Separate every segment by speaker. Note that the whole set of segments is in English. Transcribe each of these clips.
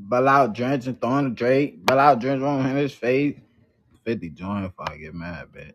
Speaker 1: Bell out drench and throwing the Drake. Bell out drenching on his face. 50 joint if I get mad, bitch.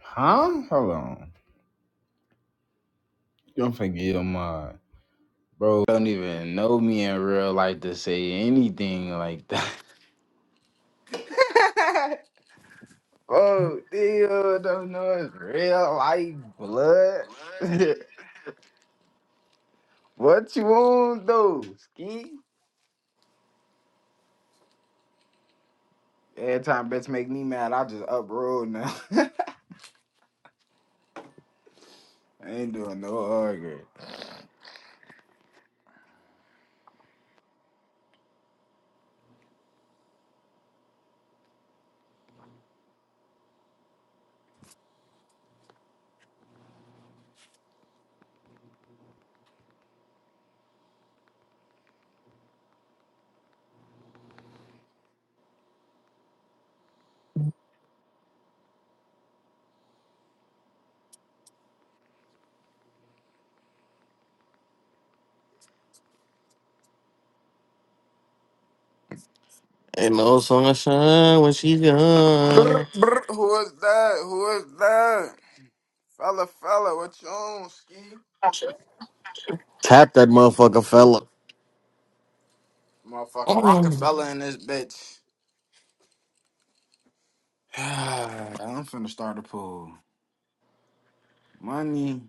Speaker 1: Huh? Hold on. You don't forget your mind. Bro, don't even know me in real life to say anything like that. Bro, dude, don't know it's real life blood. what you want though, ski? Every time bitch make me mad, I just uproll now. I ain't doing no arguing.
Speaker 2: Ain't no sunshine when she
Speaker 1: Brr,
Speaker 2: gone.
Speaker 1: brr, who is that? Who is that? Fella, fella, what you on, ski?
Speaker 2: Tap that motherfucker, fella.
Speaker 1: Motherfucker,
Speaker 2: Oh.
Speaker 1: Rockefeller in this bitch. I'm finna start a pool. Money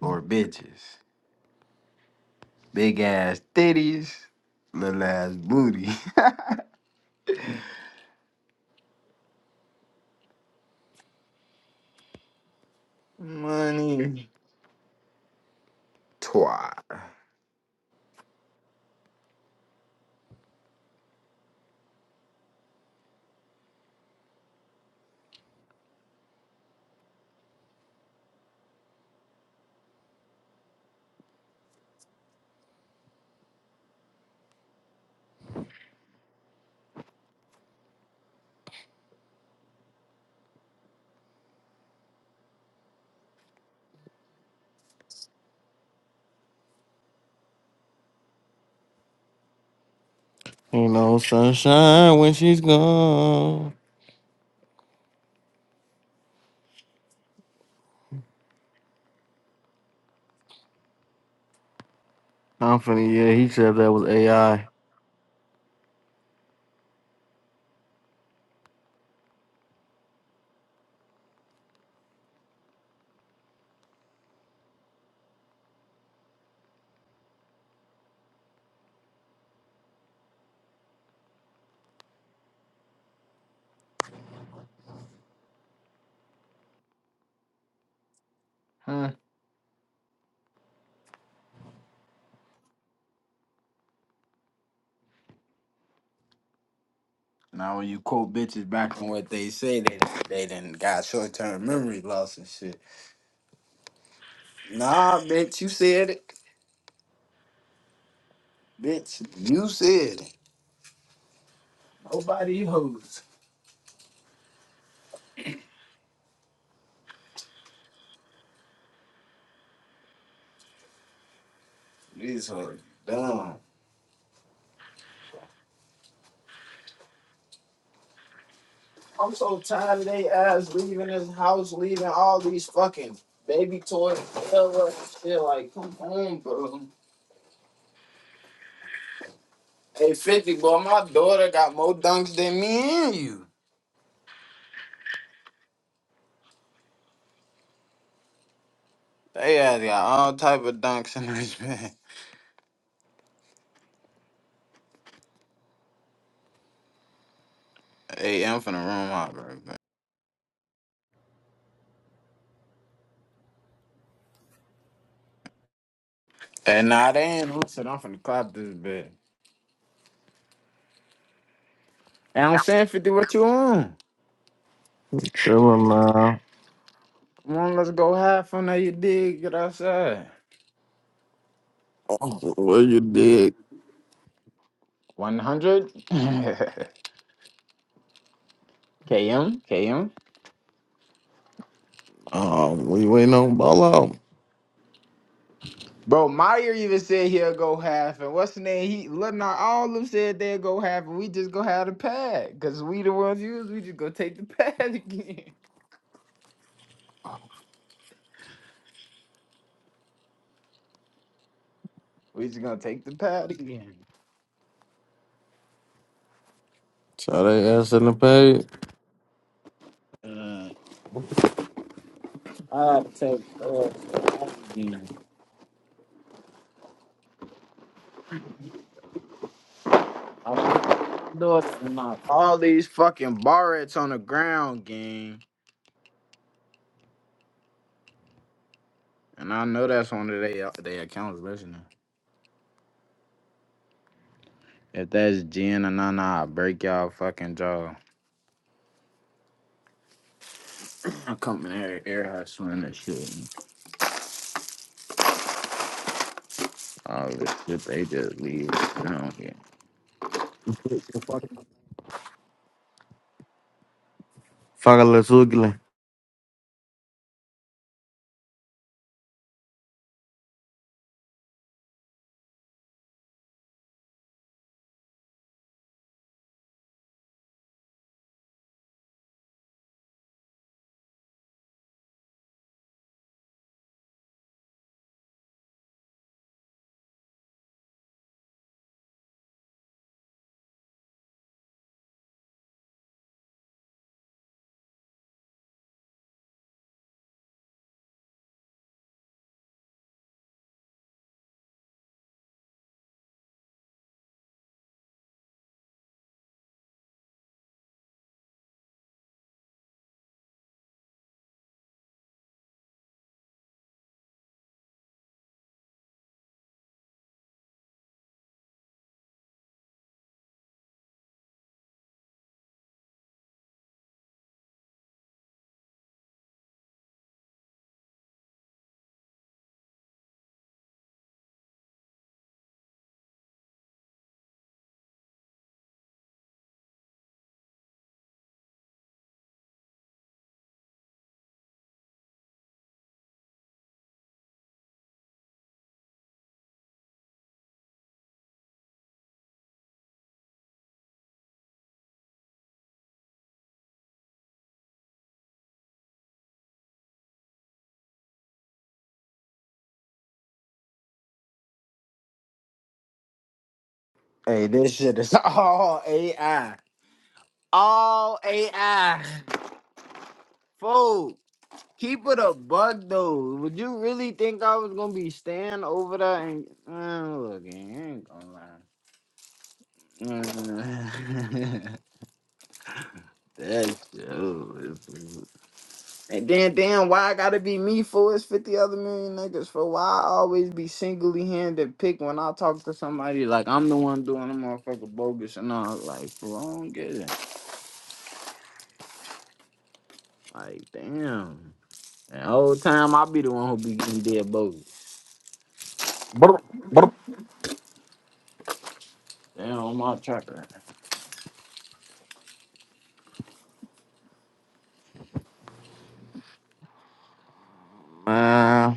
Speaker 1: or bitches? Big ass titties, little ass booty. Money. Twat.
Speaker 2: Ain't no sunshine when she's gone. I'm finna, yeah, he said that was AI.
Speaker 1: Huh? Now when you quote bitches back on what they say, they they done got short term memory loss and shit. Nah, bitch, you said it. Bitch, you said it. These hoes dumb. Hey, 50, boy, my daughter got more dunks than me and you. They ass got all type of dunks in this bed. Hey, I'm finna room out, bro. bro. Hey, nah, they ain't listen. I'm finna clap this bed. Hey, I'm saying, 50, what you on?
Speaker 2: Chillin' now.
Speaker 1: Come on, let's go have fun now you dig. Get outside.
Speaker 2: What you did?
Speaker 1: 100? KM? KM?
Speaker 2: Um, we waiting on ball out.
Speaker 1: Bro, Meyer even said he'll go half, and what's the name? He, Lennar, all of them said they'll go half, and we just go have the pad, cause we the ones used. We just go take the pad again. We just gonna take the pad again.
Speaker 2: So they ass in the pay.
Speaker 1: Uh, All these fucking barrettes on the ground, gang. And I know that's one of their their accounts listening. If that's Jen and Nana, I break y'all fucking jaw. I'm coming here, air hustling and shit. All this shit, they just leave. I don't care.
Speaker 2: Fuck a little ugly.
Speaker 1: Hey, this shit is all AI. All AI. Fool, keep it a bug though. Would you really think I was gonna be staying over there and uh, look, I ain't gonna lie. That's true. And then, damn, why I gotta be me for it's 50 other million niggas for why I always be singly handed pick when I talk to somebody like I'm the one doing the motherfucker bogus and all. Like, bro, I don't get it. Like, damn. And whole time I be the one who be getting dead bogus.
Speaker 2: Brr, brr.
Speaker 1: Damn, on my tracker.
Speaker 2: Man,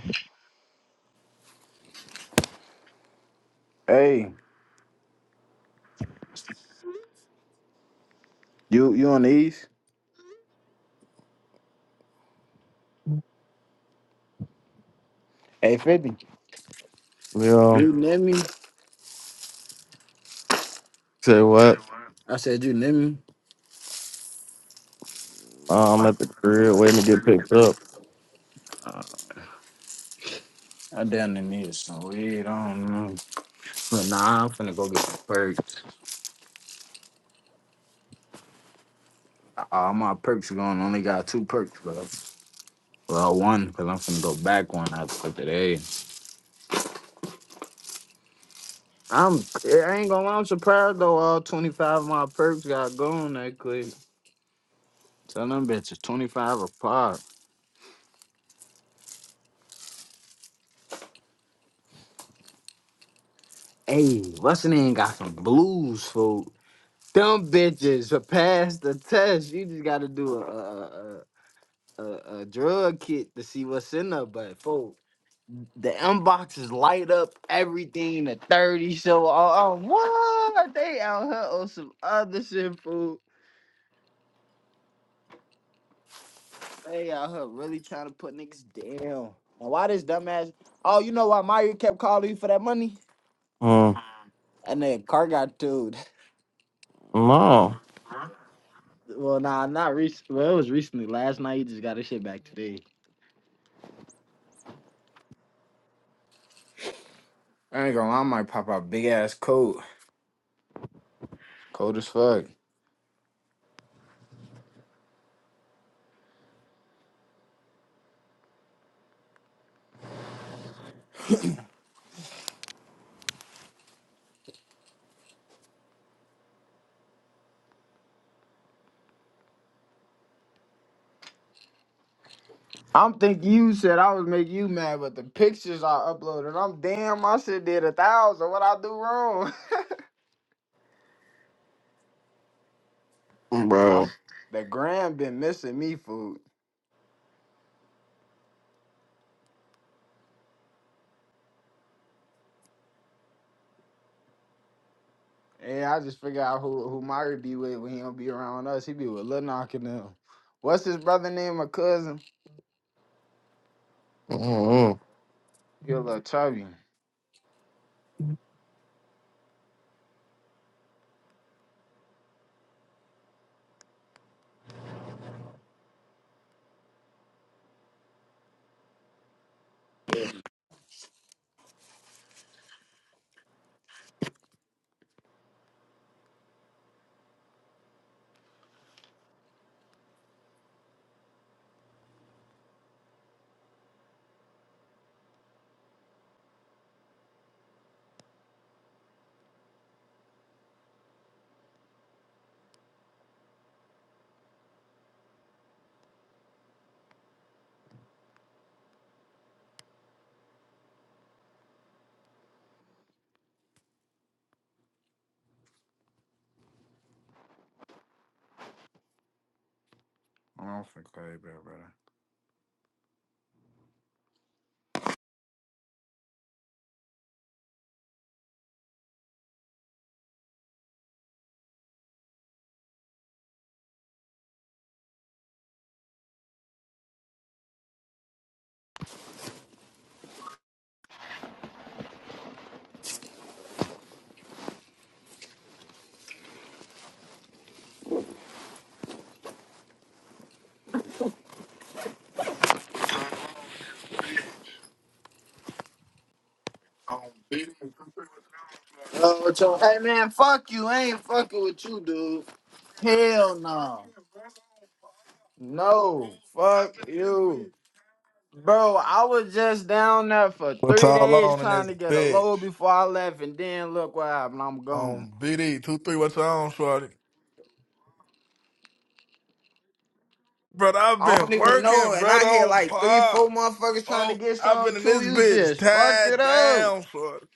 Speaker 1: Hey, you you on the east? Hey, 50.
Speaker 2: yo,
Speaker 1: You need me?
Speaker 2: Say what?
Speaker 1: I said, you need me?
Speaker 2: Nah, I'm at the crib waiting to get picked up.
Speaker 1: Uh, I down there need some weed. I don't know. But Nah, I'm finna go get some perks. All my perks are gone. Only got two perks, bro. Well, one, because I'm finna go back one after today. I'm, I ain't gonna lie, I'm surprised though. All 25 of my perks got gone that quick. Tell them bitches 25 a pop. Hey, what's the name? Got some blues, fool. Them bitches have passed the test. You just gotta do a, a, a, a, a a drug kit to see what's in there, but, fool. The inboxes light up everything. The 30 show. Oh, oh, what? They out here on some other shit, fool. They out here really trying to put niggas down. And why this dumbass? Oh, you know why Mario kept calling you for that money?
Speaker 2: uh,
Speaker 1: And then car got towed.
Speaker 2: No,
Speaker 1: Well, nah, not recent. Well, it was recently. Last night, he just got his shit back today. I ain't gonna lie, I might pop out big ass coat. Cold as fuck. I'm thinking you said I was making you mad, but the pictures I uploaded, I'm damn, I should did a thousand. What I do wrong? I, s-
Speaker 2: bro.
Speaker 1: the gram been missing me food. Yeah, I just figure out who who Myri be with when he don't be around us. He be with Lil Knock and them. What's his brother name? My cousin?
Speaker 2: mm
Speaker 1: He a little chubby. I don't think I ain't brother. Oh, what y'all- hey man, fuck you. I ain't fucking with you, dude. Hell no. No, fuck you. Bro, I was just down there for
Speaker 3: What's
Speaker 1: three
Speaker 3: all
Speaker 1: days
Speaker 3: on in
Speaker 1: trying
Speaker 3: this
Speaker 1: to get a
Speaker 3: bitch?
Speaker 1: load before I left, and then look what happened. I'm gone.
Speaker 3: On BD two three. What's on, Shorty? Brother, I've
Speaker 1: I
Speaker 3: been
Speaker 1: don't even know,
Speaker 3: working,
Speaker 1: and I
Speaker 3: brother.
Speaker 1: had
Speaker 3: On
Speaker 1: like three,
Speaker 3: pop.
Speaker 1: four motherfuckers trying to
Speaker 3: Oh,
Speaker 1: get
Speaker 3: I've
Speaker 1: some
Speaker 3: been in
Speaker 1: too.
Speaker 3: this
Speaker 1: You
Speaker 3: bitch
Speaker 1: just fucked it
Speaker 3: tied
Speaker 1: up.
Speaker 3: down, Shorty.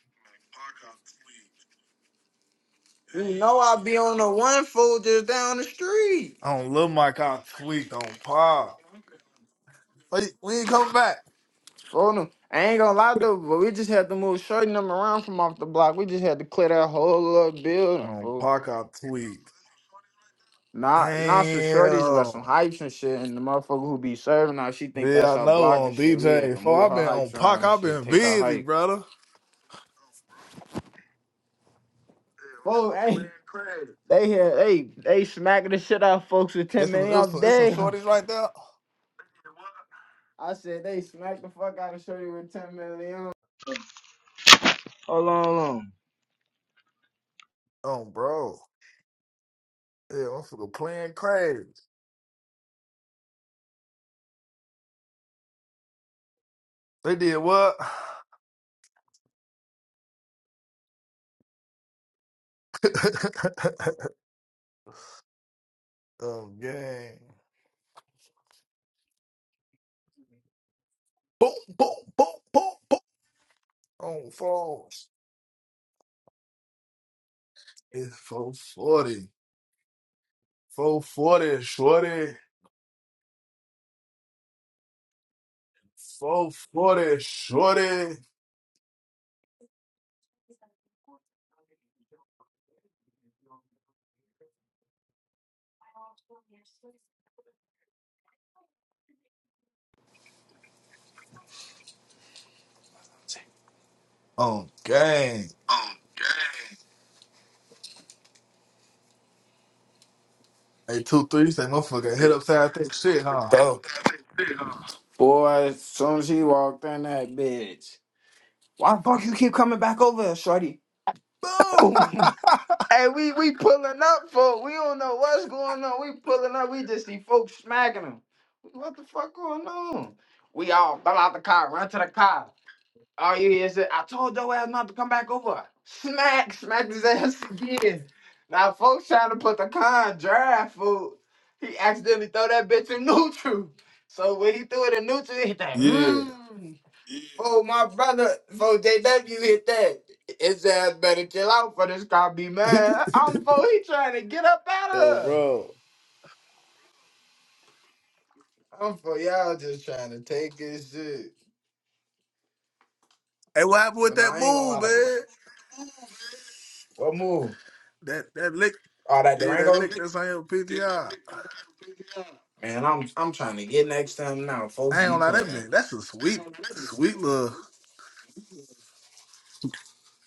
Speaker 1: You know I be on the one fold just down the street.
Speaker 3: On Lil Mike, I tweaked on pop. Wait, we ain't coming back.
Speaker 1: For them. I ain't gonna lie though, but we just had to move certain them around from off the block. We just had to clear that whole little building,
Speaker 3: On
Speaker 1: fool.
Speaker 3: Pac, I tweaked.
Speaker 1: Not not some shorties, but
Speaker 3: Damn.
Speaker 1: some hypes and shit. And the motherfucker who be serving her, she think
Speaker 3: Yeah,
Speaker 1: that's
Speaker 3: I
Speaker 1: our
Speaker 3: know.
Speaker 1: block and
Speaker 3: On
Speaker 1: shit. We had
Speaker 3: DJ
Speaker 1: to
Speaker 3: four,
Speaker 1: move
Speaker 3: I've
Speaker 1: her
Speaker 3: been on
Speaker 1: hypes
Speaker 3: Pac.
Speaker 1: around and
Speaker 3: I've
Speaker 1: shit,
Speaker 3: been
Speaker 1: take our
Speaker 3: busy,
Speaker 1: hype.
Speaker 3: brother.
Speaker 1: Oh, hey, they here, they they smacking the shit out of folks with ten
Speaker 3: It's some,
Speaker 1: million.
Speaker 3: it's
Speaker 1: I'm
Speaker 3: some, it's some
Speaker 1: damn.
Speaker 3: shorties right there.
Speaker 1: I said they smack the fuck out of shorty with ten million. Hold on, hold on.
Speaker 3: Oh, bro. Yeah, I'm fucking playing crazy. They did what? oh, yeah. Boom, boom, boom, boom, boom. On phones. It's 440. 440, shorty. 440, shorty. On gang. Hey, two, three, say motherfucker, head upside that shit, huh?
Speaker 1: Dope. Boy, as soon as he walked in that bitch, why the fuck you keep coming back over, here, shorty? Boom. Hey, we we pulling up for. We don't know what's going on. We pulling up. We just see folks smacking them. What the fuck going on? We all fell out the car, run to the car. All you hear is, I told your ass not to come back over. Smack, smack his ass again. Now folks trying to put the car in drive fool. He accidentally throw that bitch in neutral. So when he threw it in neutral, it hit that.
Speaker 3: Yeah.
Speaker 1: "Hmm." Oh, my brother, for they let you hit that. It said, better chill out for this car be mad. I'm for he trying to get up out of
Speaker 3: Yo,
Speaker 1: her.
Speaker 3: bro.
Speaker 1: I'm for y'all just trying to take his shit.
Speaker 3: Hey, what happened with
Speaker 1: But no,
Speaker 3: that
Speaker 1: I ain't gonna
Speaker 3: move,
Speaker 1: lie to you.
Speaker 3: man?
Speaker 1: What move?
Speaker 3: That that lick,
Speaker 1: Oh, that
Speaker 3: yeah, that
Speaker 1: Durango?
Speaker 3: lick that's on your PTR. I
Speaker 1: Man, I'm I'm trying to get next time now. Folks
Speaker 3: ain't
Speaker 1: be
Speaker 3: gonna lie, that
Speaker 1: playing.
Speaker 3: man, that's a sweet, sweet little,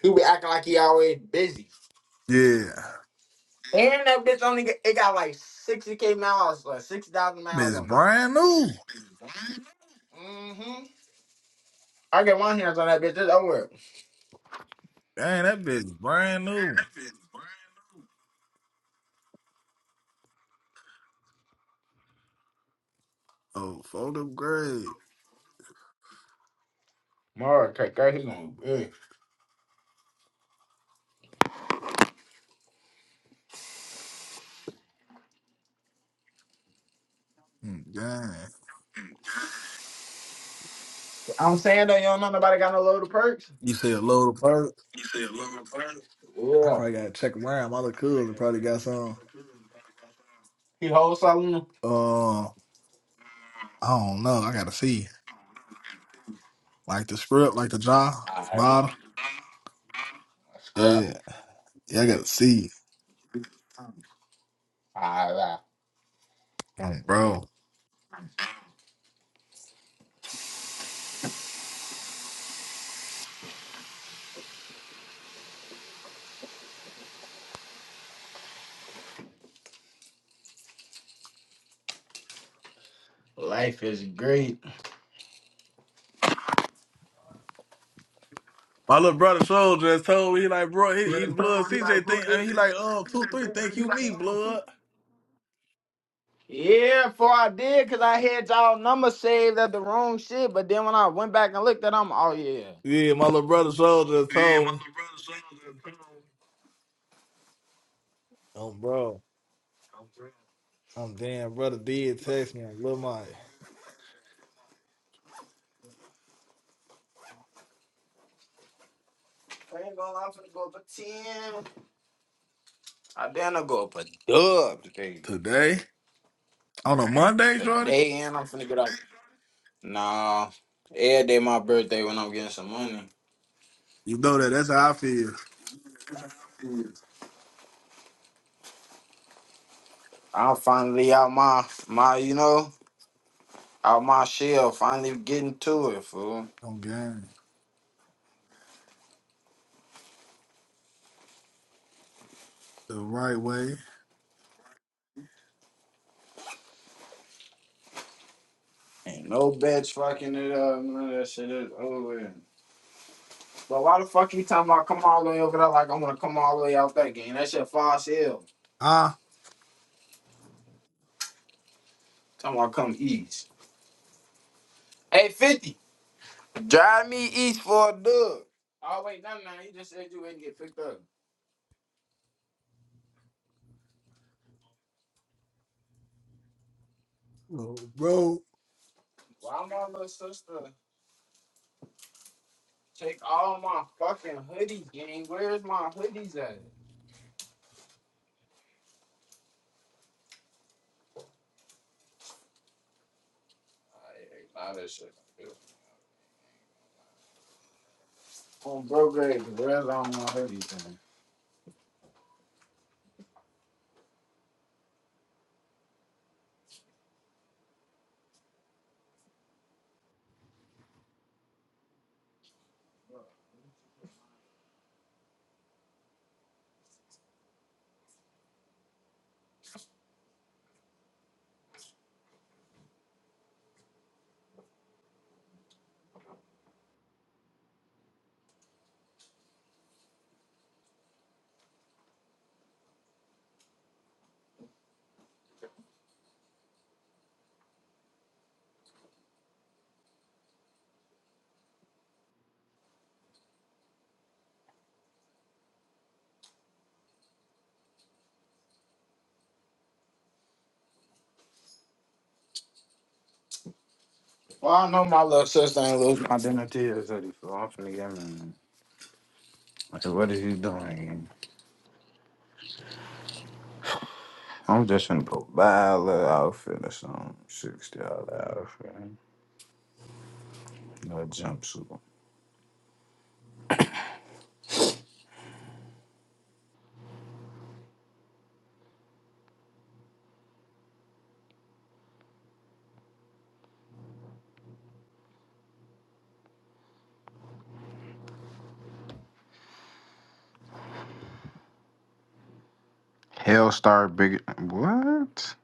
Speaker 1: He be acting like he always busy.
Speaker 3: yeah.
Speaker 1: And that bitch only got, it got like 60k miles, like six thousand miles
Speaker 3: Bitch
Speaker 1: on it.
Speaker 3: brand new.
Speaker 1: Mm-hmm. I get my hands on that bitch, it's over.
Speaker 3: Dang, that bitch brand new. Oh, fold up grade.
Speaker 1: Mark, cut, cut, he's gonna be
Speaker 3: Mm, Dang.
Speaker 1: I'm saying that you don't know nobody got no load of perks.
Speaker 3: You said load of perks? I
Speaker 1: Yeah.
Speaker 3: probably gotta check around. My little cousin probably got some.
Speaker 1: He holds something.
Speaker 3: Uh, I don't know. I gotta see. Like the script, like the jaw,
Speaker 1: Alright.
Speaker 3: bottle.
Speaker 1: Scrap.
Speaker 3: Yeah. Yeah, I gotta see.
Speaker 1: Alright.
Speaker 3: Mm, Bro.
Speaker 1: Life is great.
Speaker 3: My little brother Soul just told me, he like, bro, he, he blood CJ think, I mean, he like, um, two, three, think you me, blood.
Speaker 1: Yeah, for I did, cause I had y'all number saved at the wrong shit. But then when I went back and looked at them, oh yeah.
Speaker 3: Yeah, my little brother Soul just told me. Oh, bro. I'm damn brother did text me on Lil Mike.
Speaker 1: I ain't gonna lie, I'm finna go for ten. I then I go for dub today.
Speaker 3: Today? On a Monday, Shorty?
Speaker 1: Today and I'm finna get out. Nah, every day my birthday when I'm getting some money.
Speaker 3: You know that. That's how I feel.
Speaker 1: I'm finally out my my you know. out my shell, finally getting to it, fool.
Speaker 3: I'm game. The right way.
Speaker 1: Ain't no bitch fucking it up. None of that shit is over. with. But why the fuck you talking about come all the way over there like I'm gonna come all the way out that game? That shit far as hell.
Speaker 3: ah,
Speaker 1: Talking about come east. Hey, 50, drive me east for a dub. Oh, wait, no, no, you just said you wouldn't get picked up.
Speaker 3: Bro,
Speaker 1: Why my little sister take all my fucking hoodies, gang? Where's my hoodies at? Nah, that shit. On bro grade, where's all my hoodies at? Well, I know my little sister ain't lose my identity is ready so I'm finna get me. So what is you doing again? I'm just finna go buy a little outfit or something. Sixty dollar outfit. Little jumpsuit. Hellstar big what?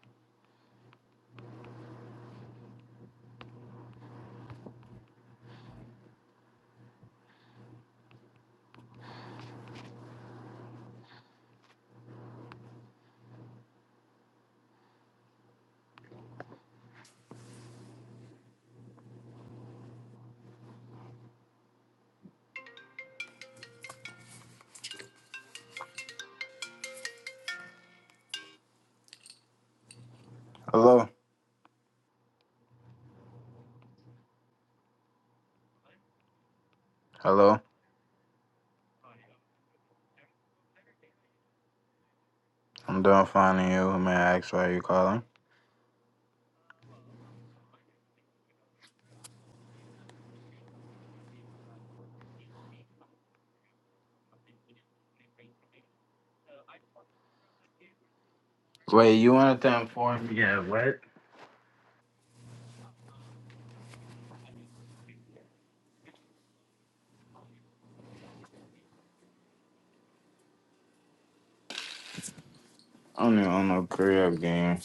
Speaker 1: Hello. Hello. I'm done finding you. May I ask why you calling? Wait, you want to inform me? Yeah, what? I'm on no crib game.